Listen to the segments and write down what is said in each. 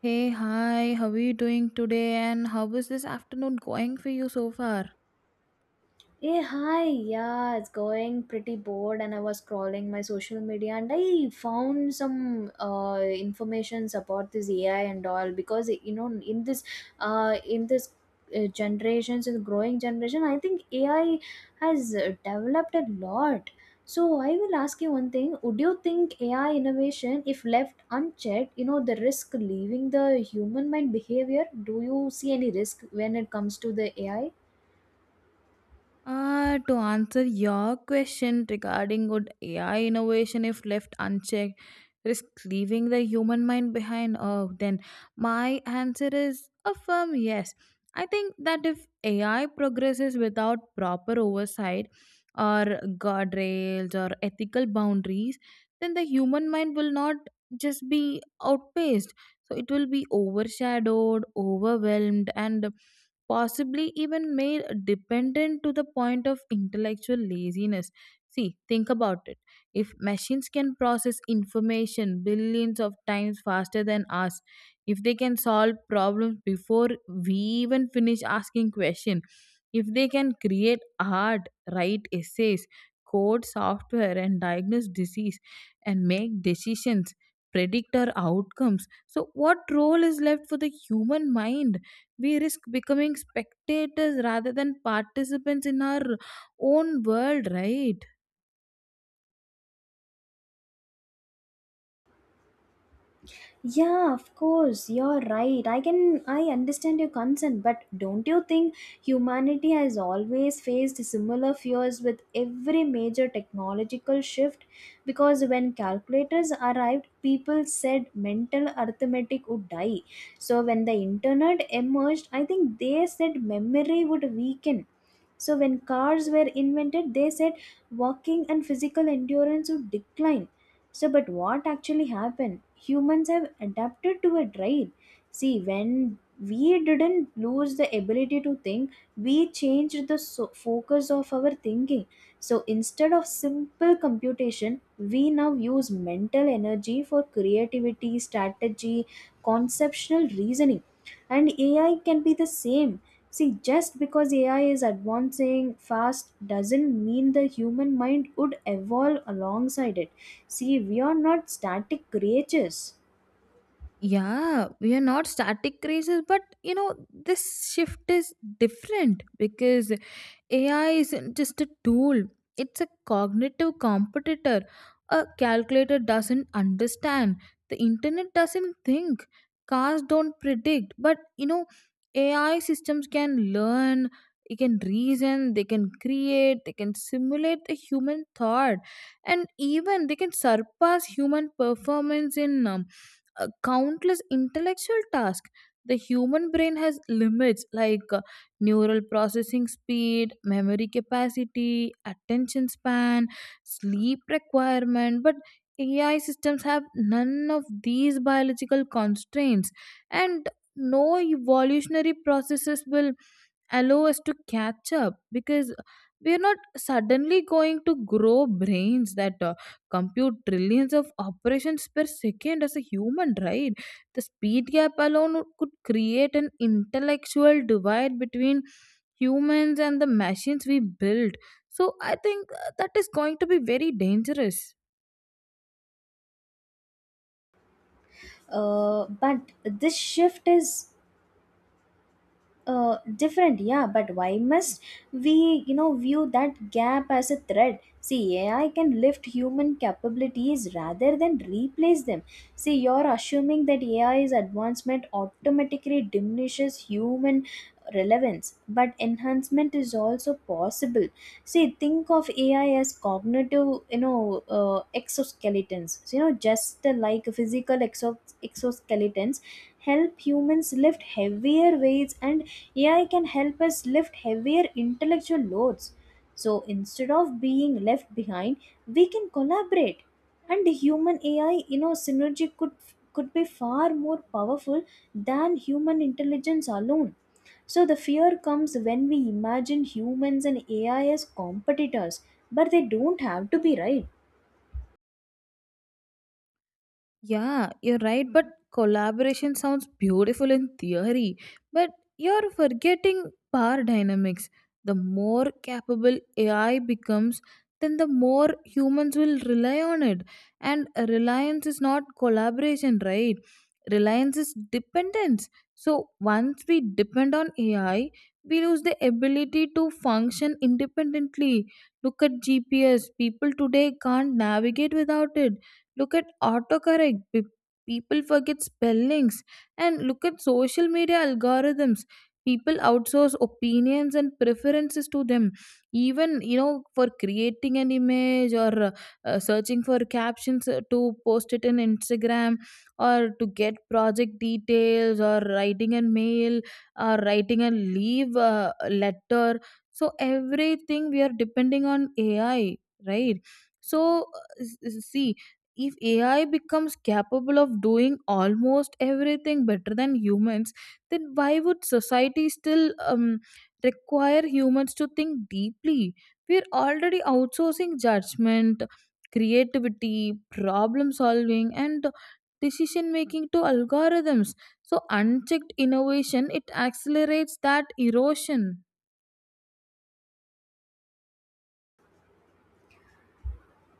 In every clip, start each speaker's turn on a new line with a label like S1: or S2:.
S1: Hey, hi, how are you doing today? And how is this afternoon going for you so far?
S2: Hey, hi, yeah, it's going pretty bored, and I was scrolling my social media and I found some informations about this AI and all because you know in this in this generations in growing generation, I think AI has developed a lot. So I will ask you one thing: would you think AI innovation, if left unchecked, you know the risk leaving the human mind behavior? Do you see any risk when it comes to the AI?
S1: To answer your question regarding good AI innovation, if left unchecked, risk leaving the human mind behind. Oh, then my answer is a firm yes. I think that if AI progresses without proper oversight or guardrails or ethical boundaries, then the human mind will not just be outpaced. So it will be overshadowed, overwhelmed, and possibly even made dependent to the point of intellectual laziness. See, think about it. If machines can process information billions of times faster than us, if they can solve problems before we even finish asking questions, if they can create art, write essays, code software, and diagnose disease and make decisions, predict our outcomes, so what role is left for the human mind? We risk becoming spectators rather than participants in our own world, right?
S2: Yeah, of course, you're right. I understand your concern, but don't you think humanity has always faced similar fears with every major technological shift? Because when calculators arrived, people said mental arithmetic would die. So when the internet emerged, I think they said memory would weaken. So when cars were invented, they said walking and physical endurance would decline so, but what actually happened? Humans have adapted to it, right? See, when we didn't lose the ability to think, we changed the focus of our thinking. So, instead of simple computation, we now use mental energy for creativity, strategy, conceptual reasoning. And AI can be the same. See, just because AI is advancing fast doesn't mean the human mind would evolve alongside it. See, we are not static creatures.
S1: Yeah, we are not static races, but you know, this shift is different because AI isn't just a tool, it's a cognitive competitor. A calculator doesn't understand, the internet doesn't think, cars don't predict. But you know, AI systems can learn, they can reason, they can create, they can simulate the human thought, and even they can surpass human performance in countless intellectual tasks. The human brain has limits like neural processing speed, memory capacity, attention span, sleep requirement, but AI systems have none of these biological constraints, and no evolutionary processes will allow us to catch up because we are not suddenly going to grow brains that compute trillions of operations per second as a human, right? The speed gap alone could create an intellectual divide between humans and the machines we build, so I think that is going to be very dangerous.
S2: But this shift is different, yeah, but why must we, you know, view that gap as a threat? See, AI can lift human capabilities rather than replace them. See, you're assuming that AI's advancement automatically diminishes human relevance, but enhancement is also possible. See, think of AI as cognitive, you know, exoskeletons. So, you know, just like physical exoskeletons help humans lift heavier weights, and AI can help us lift heavier intellectual loads. So instead of being left behind, we can collaborate. And the human AI, you know, synergy could be far more powerful than human intelligence alone. So the fear comes when we imagine humans and AI as competitors, but they don't have to be, right.
S1: Yeah, you're right, but collaboration sounds beautiful in theory, but you're forgetting power dynamics. The more capable AI becomes, then the more humans will rely on it. And reliance is not collaboration, right? Reliance is dependence. So once we depend on AI, we lose the ability to function independently. Look at GPS. People today can't navigate without it. Look at autocorrect. People forget spellings. And look at social media algorithms. People outsource opinions and preferences to them. Even, you know, for creating an image or searching for captions to post it in Instagram or to get project details or writing a mail or writing a leave letter. So everything we are depending on AI, right? So see, if AI becomes capable of doing almost everything better than humans, then why would society still require humans to think deeply? We're already outsourcing judgment, creativity, problem solving, and decision making to algorithms. So, unchecked innovation it accelerates that erosion.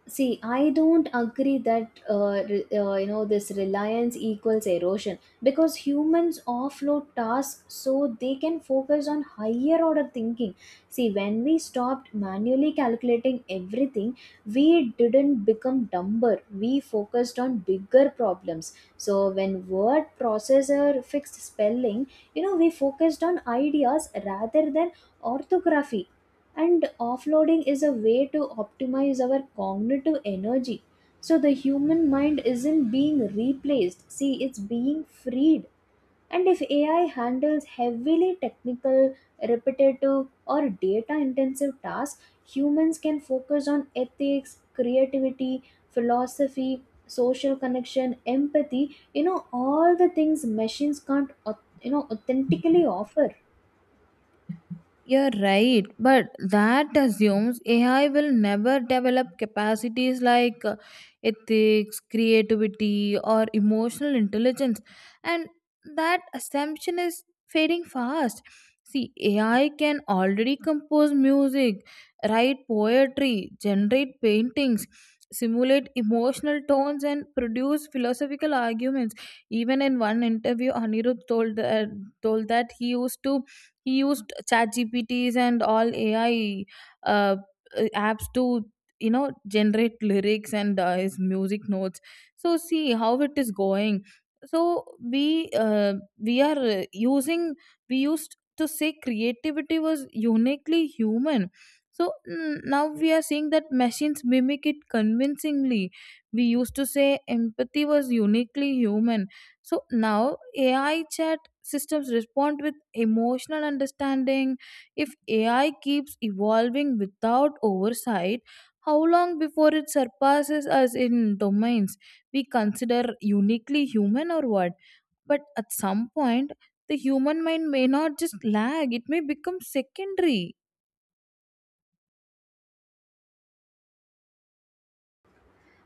S2: See, I don't agree that you know, this reliance equals erosion, because humans offload tasks so they can focus on higher order thinking. See, when we stopped manually calculating everything, we didn't become dumber. We focused on bigger problems. So when word processor fixed spelling, you know, we focused on ideas rather than orthography, and offloading is a way to optimize our cognitive energy. So the human mind isn't being replaced, see, it's being freed. And if AI handles heavily technical, repetitive, or data intensive tasks, humans can focus on ethics, creativity, philosophy, social connection, empathy, you know, all the things machines can't au- you know, authentically offer.
S1: You're right, but that assumes AI will never develop capacities like ethics, creativity, or emotional intelligence, and that assumption is fading fast. See, AI can already compose music, write poetry, generate paintings, simulate emotional tones, and produce philosophical arguments. Even in one interview, Anirudh told that, he used to he used ChatGPTs and all AI uh, apps to, you know, generate lyrics and his music notes, so see how it is going. So we uh, we are using, we used to say creativity was uniquely human, so now we are seeing that machines mimic it convincingly. We used to say empathy was uniquely human, so now AI chat systems respond with emotional understanding. If AI keeps evolving without oversight, how long before it surpasses us in domains we consider uniquely human or what? But at some point, the human mind may not just lag, it may become secondary.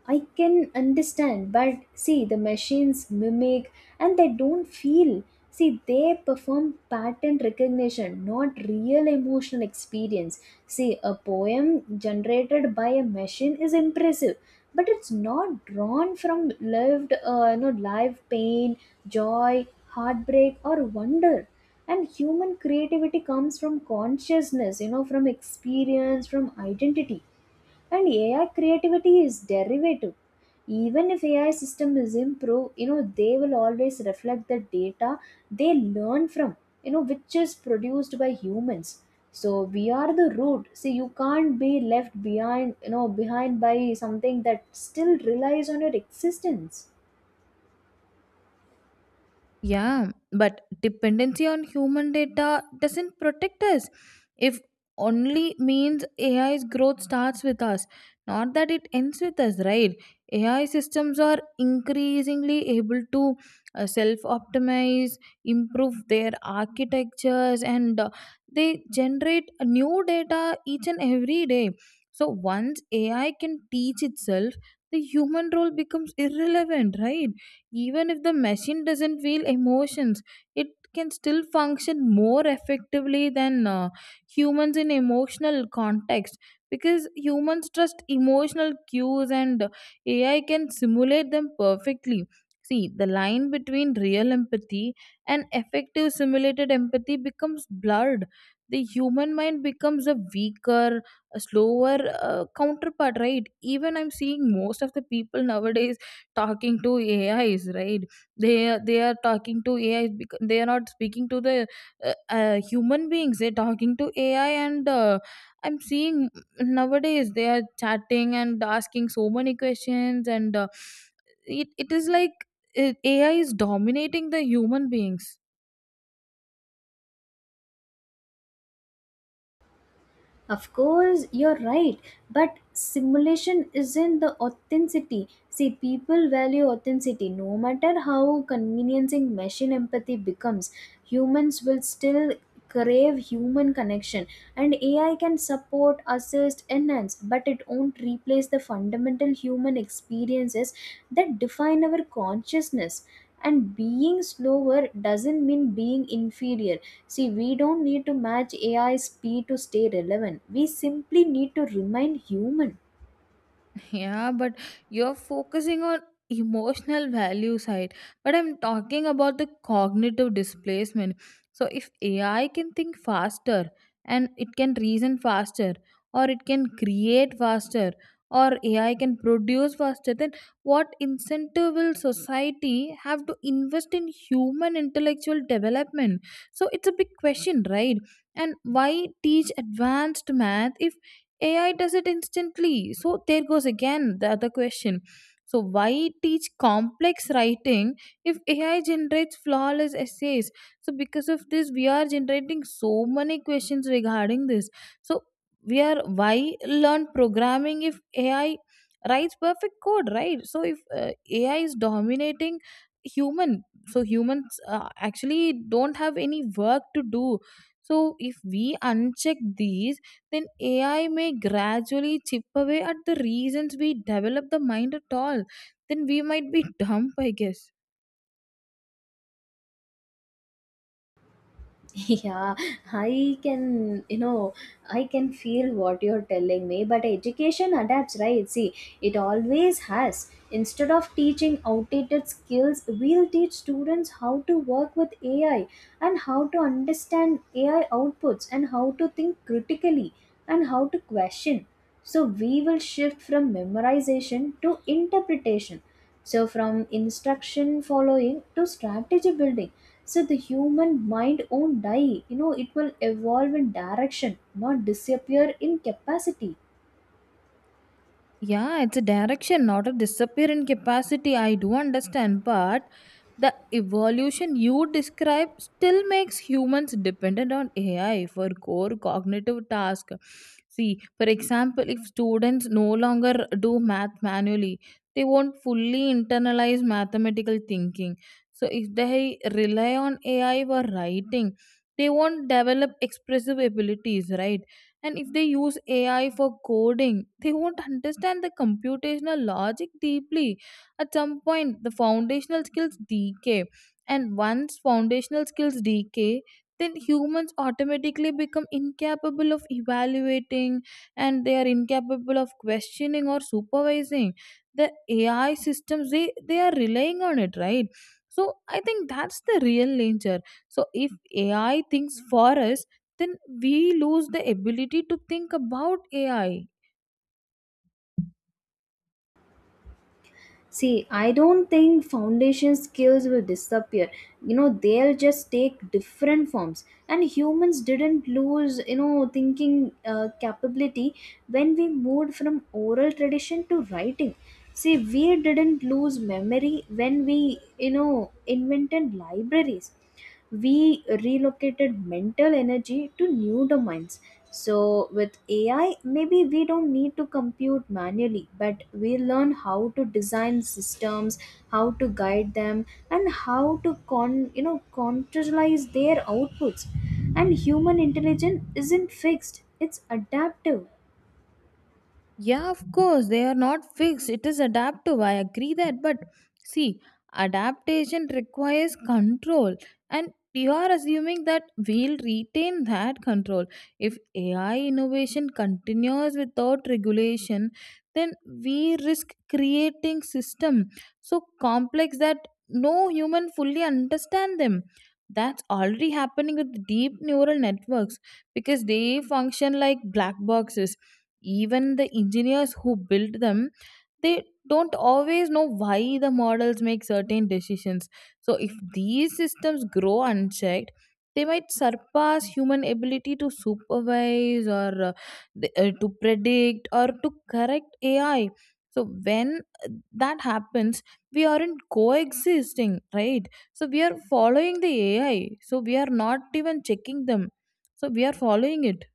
S2: I can understand, but see, the machines mimic and they don't feel. See, they perform pattern recognition, not real emotional experience. See, a poem generated by a machine is impressive, but it's not drawn from lived, you know, live pain, joy, heartbreak, or wonder. And human creativity comes from consciousness, you know, from experience, from identity. And AI creativity is derivative. Even if AI system is improved, you know, they will always reflect the data they learn from, you know, which is produced by humans. So we are the root. See, you can't be left behind, you know, behind by something that still relies on your existence.
S1: Yeah, but dependency on human data doesn't protect us. If only means AI's growth starts with us, not that it ends with us, right? AI systems are increasingly able to self optimize, improve their architectures, and they generate new data each and every day. So once AI can teach itself, the human role becomes irrelevant, right? Even if the machine doesn't feel emotions, it can still function more effectively than humans in emotional context, because humans trust emotional cues and AI can simulate them perfectly. See, the line between real empathy and effective simulated empathy becomes blurred. The human mind becomes a weaker, a slower counterpart, right? Even I'm seeing most of the people nowadays talking to AIs, right? They they are talking to AI. They are not speaking to the human beings. They're talking to AI, and I'm seeing nowadays they are chatting and asking so many questions, and uh, it is like AI is dominating the human beings.
S2: Of course, you're right, but simulation isn't the authenticity. See, people value authenticity. No matter how conveniencing machine empathy becomes, humans will still crave human connection. And AI can support, assist, enhance, but it won't replace the fundamental human experiences that define our consciousness. And being slower doesn't mean being inferior. See, we don't need to match AI speed to stay relevant, we simply need to remain human.
S1: Yeah, but you're focusing on emotional value side. But I'm talking about the cognitive displacement. So if AI can think faster and it can reason faster or it can create faster or AI can produce faster, then what incentive will society have to invest in human intellectual development? So it's a big question, right? And why teach advanced math if AI does it instantly. So there goes again the other question. So why teach complex writing if AI generates flawless essays? So because of this, we are generating so many questions regarding this. So we are, why learn programming if AI writes perfect code, right? So if AI is dominating human, so humans actually don't have any work to do. So if we uncheck these, then AI may gradually chip away at the reasons we develop the mind at all. Then we might be dumb, I guess.
S2: Yeah, I can, you know, I can feel what you're telling me, but education adapts, right? See, it always has. Instead of teaching outdated skills, we'll teach students how to work with AI and how to understand AI outputs and how to think critically and how to question. So, we will shift from memorization to interpretation. So, from instruction following to strategy building. So the human mind won't die. You know, it will evolve in direction, not disappear in capacity.
S1: Yeah, it's a direction, not a disappearing capacity. I do understand, but the evolution you describe still makes humans dependent on AI for core cognitive tasks. See, for example, if students no longer do math manually, they won't fully internalize mathematical thinking. So, if they rely on AI for writing, they won't develop expressive abilities, right? And if they use AI for coding, they won't understand the computational logic deeply. At some point the foundational skills decay, and once foundational skills decay, then humans automatically become incapable of evaluating, and they are incapable of questioning or supervising the AI systems they are relying on it, right? So I think that's the real danger. So if AI thinks for us, then we lose the ability to think about AI.
S2: See, I don't think foundation skills will disappear. You know, they'll just take different forms. And humans didn't lose, you know, thinking capability when we moved from oral tradition to writing. See, we didn't lose memory when we, you know, invented libraries. We relocated mental energy to new domains. So, with AI, maybe we don't need to compute manually, but we learn how to design systems, how to guide them, and how to con you know, contextualize their outputs. And human intelligence isn't fixed; it's adaptive.
S1: Yeah, of course, they are not fixed. It is adaptive. I agree that. But see, adaptation requires control. And you are assuming that we'll retain that control. If AI innovation continues without regulation, then we risk creating system so complex that no human fully understand them. That's already happening with deep neural networks because they function like black boxes. Even the engineers who built them, they don't always know why the models make certain decisions. So if these systems grow unchecked, they might surpass human ability to supervise or to predict or to correct AI. So when that happens, we aren't coexisting, right? So we are following the AI, so we are not even checking them, so we are following it.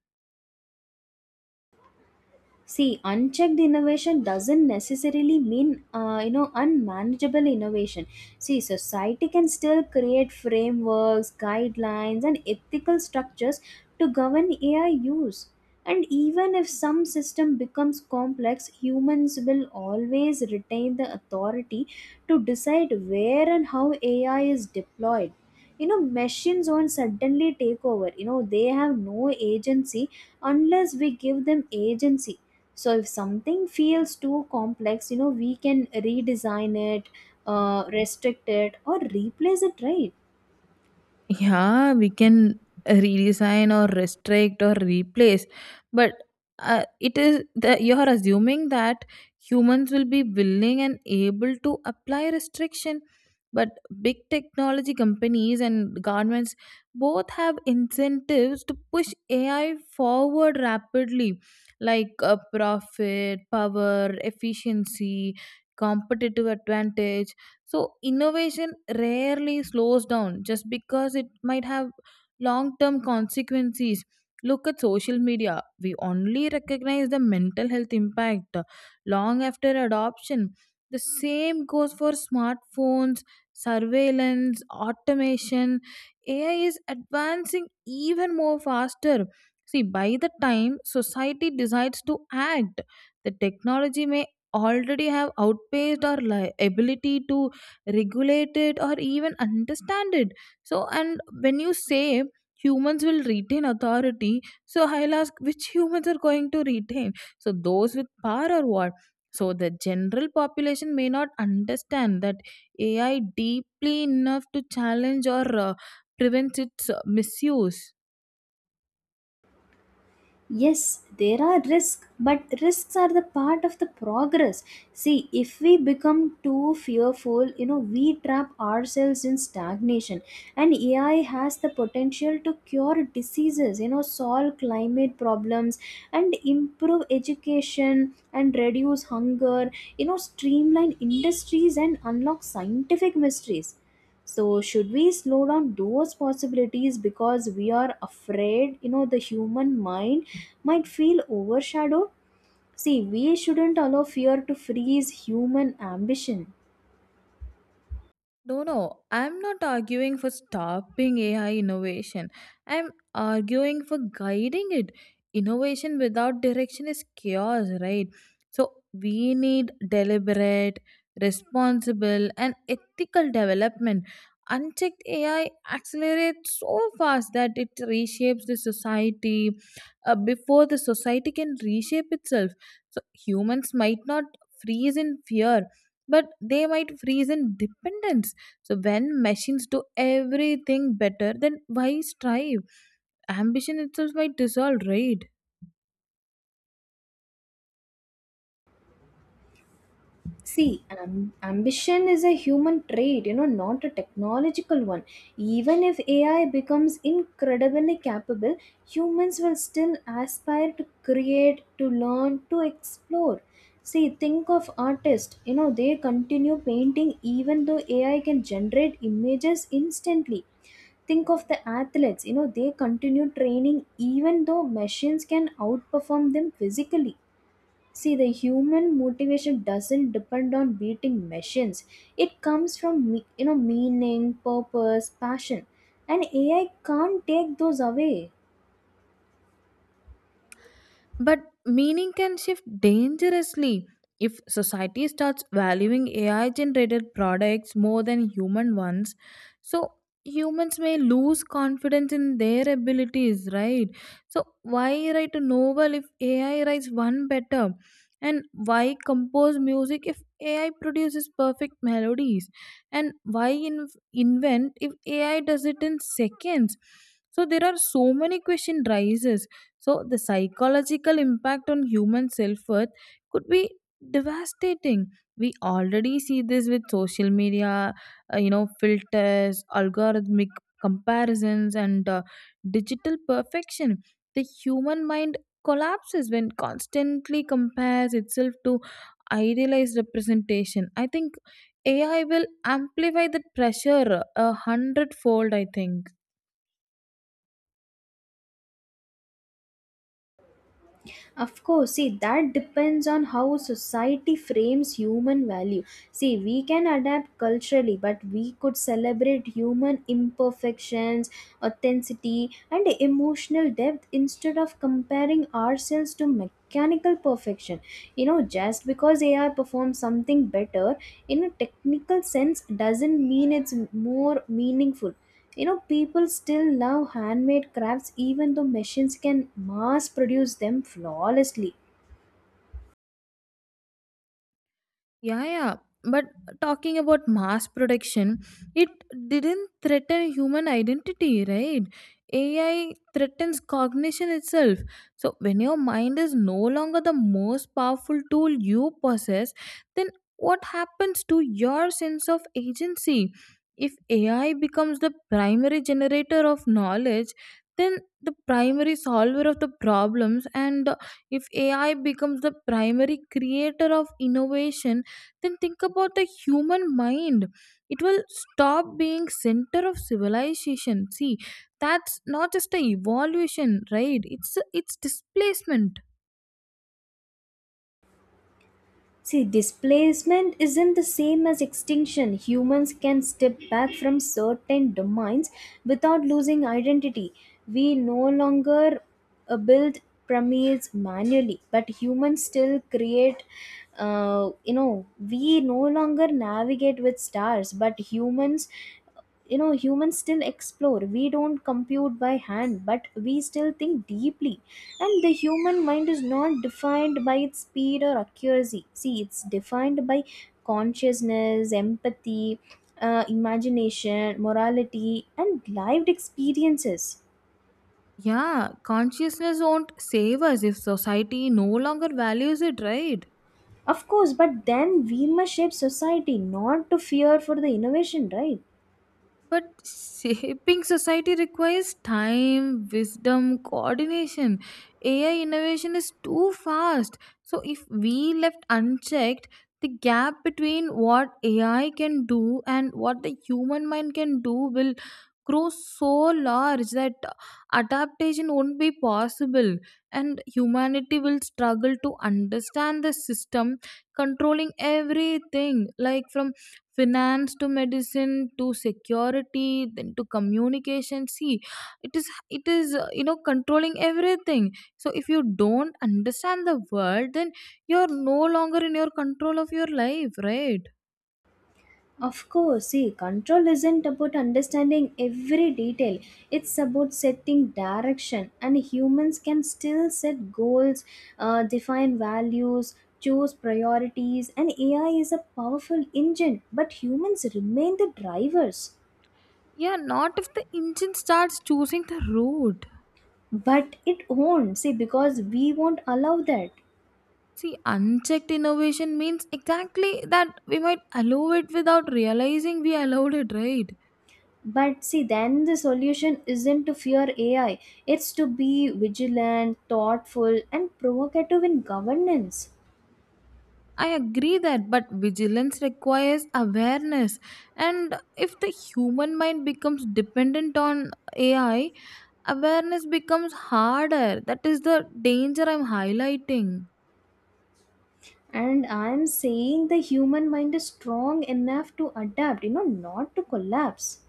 S2: See, unchecked innovation doesn't necessarily mean, you know, unmanageable innovation. See, society can still create frameworks, guidelines, and ethical structures to govern AI use. And even if some system becomes complex, humans will always retain the authority to decide where and how AI is deployed. You know, machines won't suddenly take over, you know, they have no agency unless we give them agency. So if something feels too complex, you know, we can redesign it, restrict it, or replace it, right?
S1: Yeah, we can redesign or restrict or replace, but it is the, you are assuming that humans will be willing and able to apply restriction. But big technology companies and governments both have incentives to push AI forward rapidly, like profit, power, efficiency, competitive advantage. So innovation rarely slows down just because it might have long term consequences. Look at social media. We only recognize the mental health impact long after adoption. The same goes for smartphones, surveillance, automation. AI is advancing even more faster. See, by the time society decides to act, the technology may already have outpaced our ability to regulate it or even understand it. So and when you say humans will retain authority, so I'll ask which humans are going to retain, so those with power or what? So the general population may not understand that AI deeply enough to challenge or prevent its misuse.
S2: Yes, there are risks, but risks are the part of the progress. See, if we become too fearful, you know, we trap ourselves in stagnation. And AI has the potential to cure diseases, you know, solve climate problems and improve education and reduce hunger, you know, streamline industries and unlock scientific mysteries. So should we slow down those possibilities because we are afraid, you know, the human mind might feel overshadowed? See, we shouldn't allow fear to freeze human ambition.
S1: No, no, I'm not arguing for stopping AI innovation. I'm arguing for guiding it. Innovation without direction is chaos, right? So we need deliberate, responsible, and ethical development. Unchecked AI accelerates so fast that it reshapes the society before the society can reshape itself. So humans might not freeze in fear, but they might freeze in dependence. So when machines do everything better, then why strive? Ambition itself might dissolve, right?
S2: See, ambition is a human trait, you know, not a technological one. Even if AI becomes incredibly capable, humans will still aspire to create, to learn, to explore. See, think of artists, you know, they continue painting even though AI can generate images instantly. Think of the athletes, you know, they continue training even though machines can outperform them physically. See, the human motivation doesn't depend on beating machines. It comes from you know, meaning, purpose, passion, and AI can't take those away.
S1: But meaning can shift dangerously if society starts valuing AI generated products more than human ones. So humans may lose confidence in their abilities, right? So why write a novel if AI writes one better? And why compose music if AI produces perfect melodies? And why invent if AI does it in seconds? So there are so many question rises, so the psychological impact on human self worth could be devastating. We already see this with social media, filters, algorithmic comparisons, and digital perfection. The human mind collapses when constantly compares itself to idealized representation. I think AI will amplify that pressure a hundredfold, I think.
S2: Of course, see, that depends on how society frames human value. See, we can adapt culturally, but we could celebrate human imperfections, authenticity, and emotional depth instead of comparing ourselves to mechanical perfection. You know, just because AI performs something better in a technical sense doesn't mean it's more meaningful. You know, people still love handmade crafts even though machines can mass produce them flawlessly.
S1: Yeah, yeah. But talking about mass production, it didn't threaten human identity, right? AI threatens cognition itself. So, when your mind is no longer the most powerful tool you possess, then what happens to your sense of agency? If AI becomes the primary generator of knowledge, then the primary solver of the problems, and if AI becomes the primary creator of innovation, then think about the human mind, it will stop being center of civilization. See, that's not just a evolution, right? It's displacement.
S2: See, displacement isn't the same as extinction. Humans can step back from certain domains without losing identity. We no longer build pyramids manually, but humans still create. You know, we no longer navigate with stars, but humans, you know, humans still explore. We don't compute by hand, but we still think deeply. And the human mind is not defined by its speed or accuracy. See, it's defined by consciousness, empathy, imagination, morality, and lived experiences.
S1: Yeah, consciousness won't save us if society no longer values it, right?
S2: Of course, but then we must shape society not to fear for the innovation, right?
S1: But shaping society requires time, wisdom, coordination. AI innovation is too fast. So, if we left unchecked, the gap between what AI can do and what the human mind can do will grow so large that adaptation won't be possible, and humanity will struggle to understand the system controlling everything, like from finance to medicine to security then to communication. See, it is it is controlling everything. So if you don't understand the world, then you're no longer in your control of your life, right?
S2: Of course, see, control isn't about understanding every detail. It's about setting direction, and humans can still set goals, define values, choose priorities, and AI is a powerful engine, but humans remain the drivers.
S1: Yeah, not if the engine starts choosing the route.
S2: But it won't, see, because we won't allow that.
S1: See, unchecked innovation means exactly that. We might allow it without realizing we allowed it, right?
S2: But see, then the solution isn't to fear AI, it's to be vigilant, thoughtful, and provocative in governance.
S1: I agree that, but vigilance requires awareness. And if the human mind becomes dependent on AI, awareness becomes harder. That is the danger I'm highlighting.
S2: And I'm saying the human mind is strong enough to adapt, you know, not to collapse.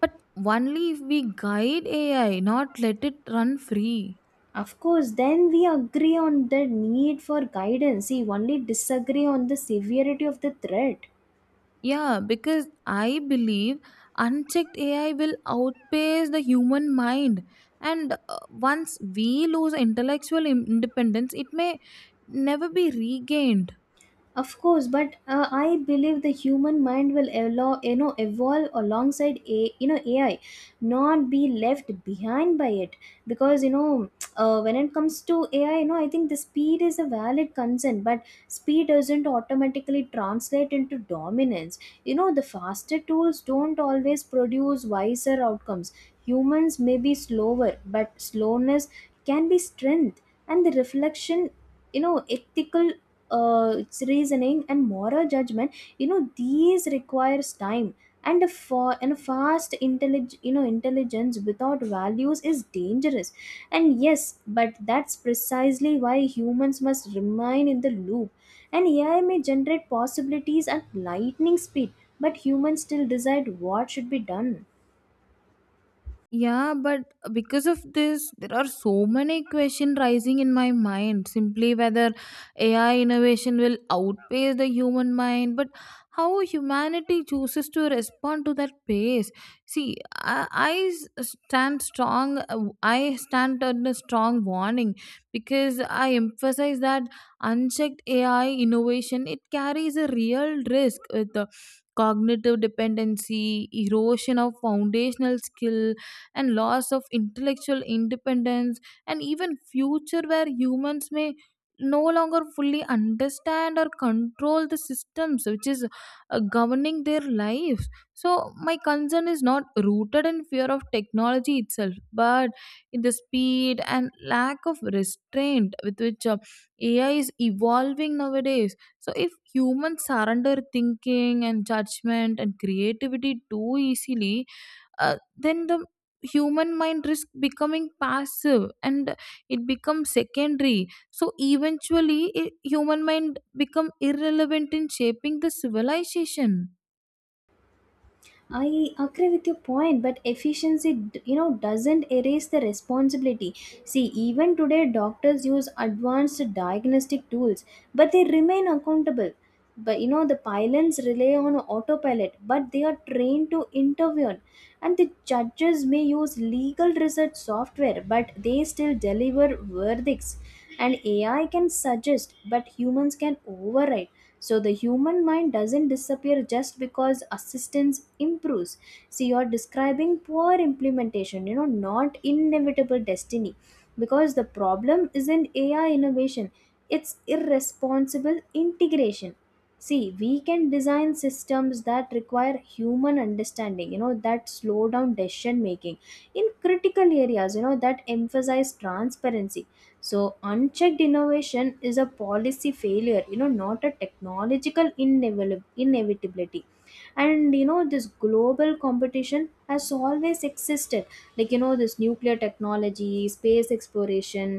S1: But only if we guide AI, not let it run free.
S2: Of course, then we agree on the need for guidance. See, only disagree on the severity of the threat.
S1: Yeah, because I believe unchecked AI will outpace the human mind. And once we lose intellectual independence, it may never be regained.
S2: Of course, but I believe the human mind will allow, you know, evolve alongside a, you know, AI, not be left behind by it. Because you know, when it comes to AI, you know, I think the speed is a valid concern, but speed doesn't automatically translate into dominance. You know, the faster tools don't always produce wiser outcomes. Humans may be slower, but slowness can be strength, and the reflection, you know, ethical, its reasoning and moral judgment, you know, these requires time. And a fast you know, intelligence without values is dangerous. And yes, but that's precisely why humans must remain in the loop. And AI may generate possibilities at lightning speed, but humans still decide what should be done.
S1: Yeah, but because of this, there are so many questions rising in my mind. Simply whether AI innovation will outpace the human mind, but how humanity chooses to respond to that pace. See, stand strong. I stand on a strong warning because I emphasize that unchecked AI innovation, it carries a real risk with the cognitive dependency, erosion of foundational skill, and loss of intellectual independence, and even future where humans may no longer fully understand or control the systems which is governing their lives. So my concern is not rooted in fear of technology itself, but in the speed and lack of restraint with which AI is evolving nowadays. So if humans surrender thinking and judgment and creativity too easily, then the human mind risk becoming passive, and it becomes secondary. So eventually, I human mind become irrelevant in shaping the civilization.
S2: I agree with your point, but efficiency, you know, doesn't erase the responsibility. See, even today, doctors use advanced diagnostic tools, but they remain accountable. But you know, the pilots rely on autopilot, but they are trained to intervene. And the judges may use legal research software, but they still deliver verdicts. And AI can suggest, but humans can override. So the human mind doesn't disappear just because assistance improves. See, you're describing poor implementation, you know, not inevitable destiny. Because the problem isn't AI innovation, it's irresponsible integration. See, we can design systems that require human understanding, you know, that slow down decision making in critical areas, you know, that emphasize transparency. So unchecked innovation is a policy failure, you know, not a technological inevitability. And you know, this global competition has always existed, like, you know, this nuclear technology, space exploration,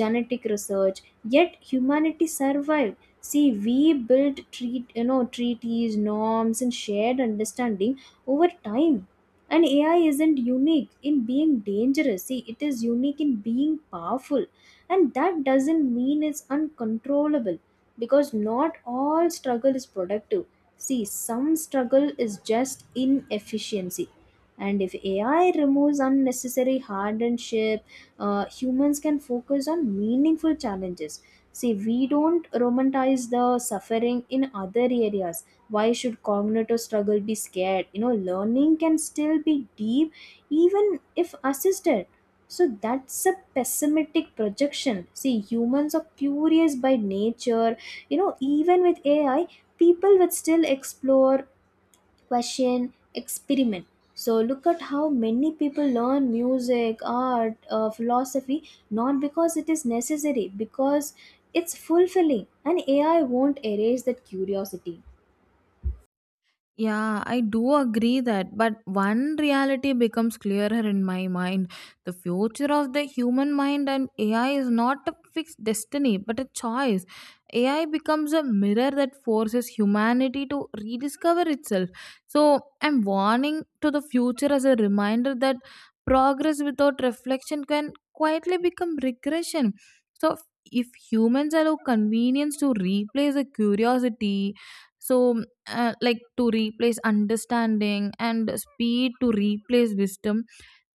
S2: genetic research, yet humanity survives. See, we built treat you know, treaties, norms, and shared understanding over time. And AI isn't unique in being dangerous. See, it is unique in being powerful, and that doesn't mean it's uncontrollable, because not all struggle is productive. See, some struggle is just inefficiency. And if AI removes unnecessary hardship, humans can focus on meaningful challenges. See, we don't romanticize the suffering in other areas. Why should cognitive struggle be scared? You know, learning can still be deep even if assisted. So that's a pessimistic projection. See, humans are curious by nature. You know, even with AI, people will still explore, question, experiment. So look at how many people learn music, art, philosophy, not because it is necessary, because it's fulfilling, and AI won't erase that curiosity.
S1: Yeah, I do agree that, but one reality becomes clearer in my mind. The future of the human mind and AI is not a fixed destiny, but a choice. AI becomes a mirror that forces humanity to rediscover itself. So, I'm warning to the future as a reminder that progress without reflection can quietly become regression. So, if humans allow convenience to replace the curiosity, so like to replace understanding, and speed to replace wisdom,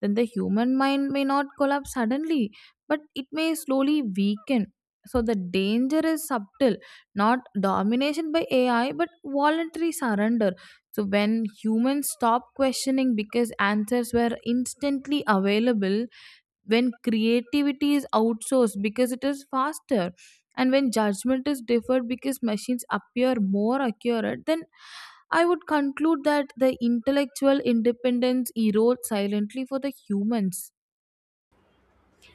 S1: then the human mind may not collapse suddenly, but it may slowly weaken. So the danger is subtle, not domination by AI, but voluntary surrender. So when humans stop questioning because answers were instantly available, when creativity is outsourced because it is faster, and when judgment is deferred because machines appear more accurate, then I would conclude that the intellectual independence erodes silently for the humans.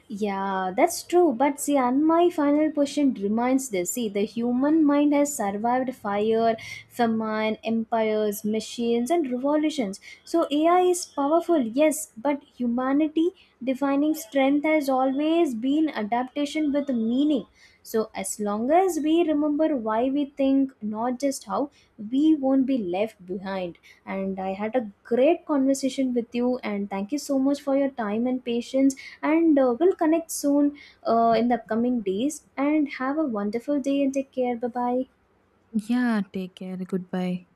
S2: Yeah, that's true. But see, and my final question remains this. See, the human mind has survived fire, famine, empires, machines, and revolutions. So AI is powerful, yes, but humanity defining strength has always been adaptation with meaning. So, as long as we remember why we think, not just how, we won't be left behind. And I had a great conversation with you, and thank you so much for your time and patience. And we'll connect soon in the upcoming days. And have a wonderful day and take care. Bye bye.
S1: Yeah, take care, goodbye.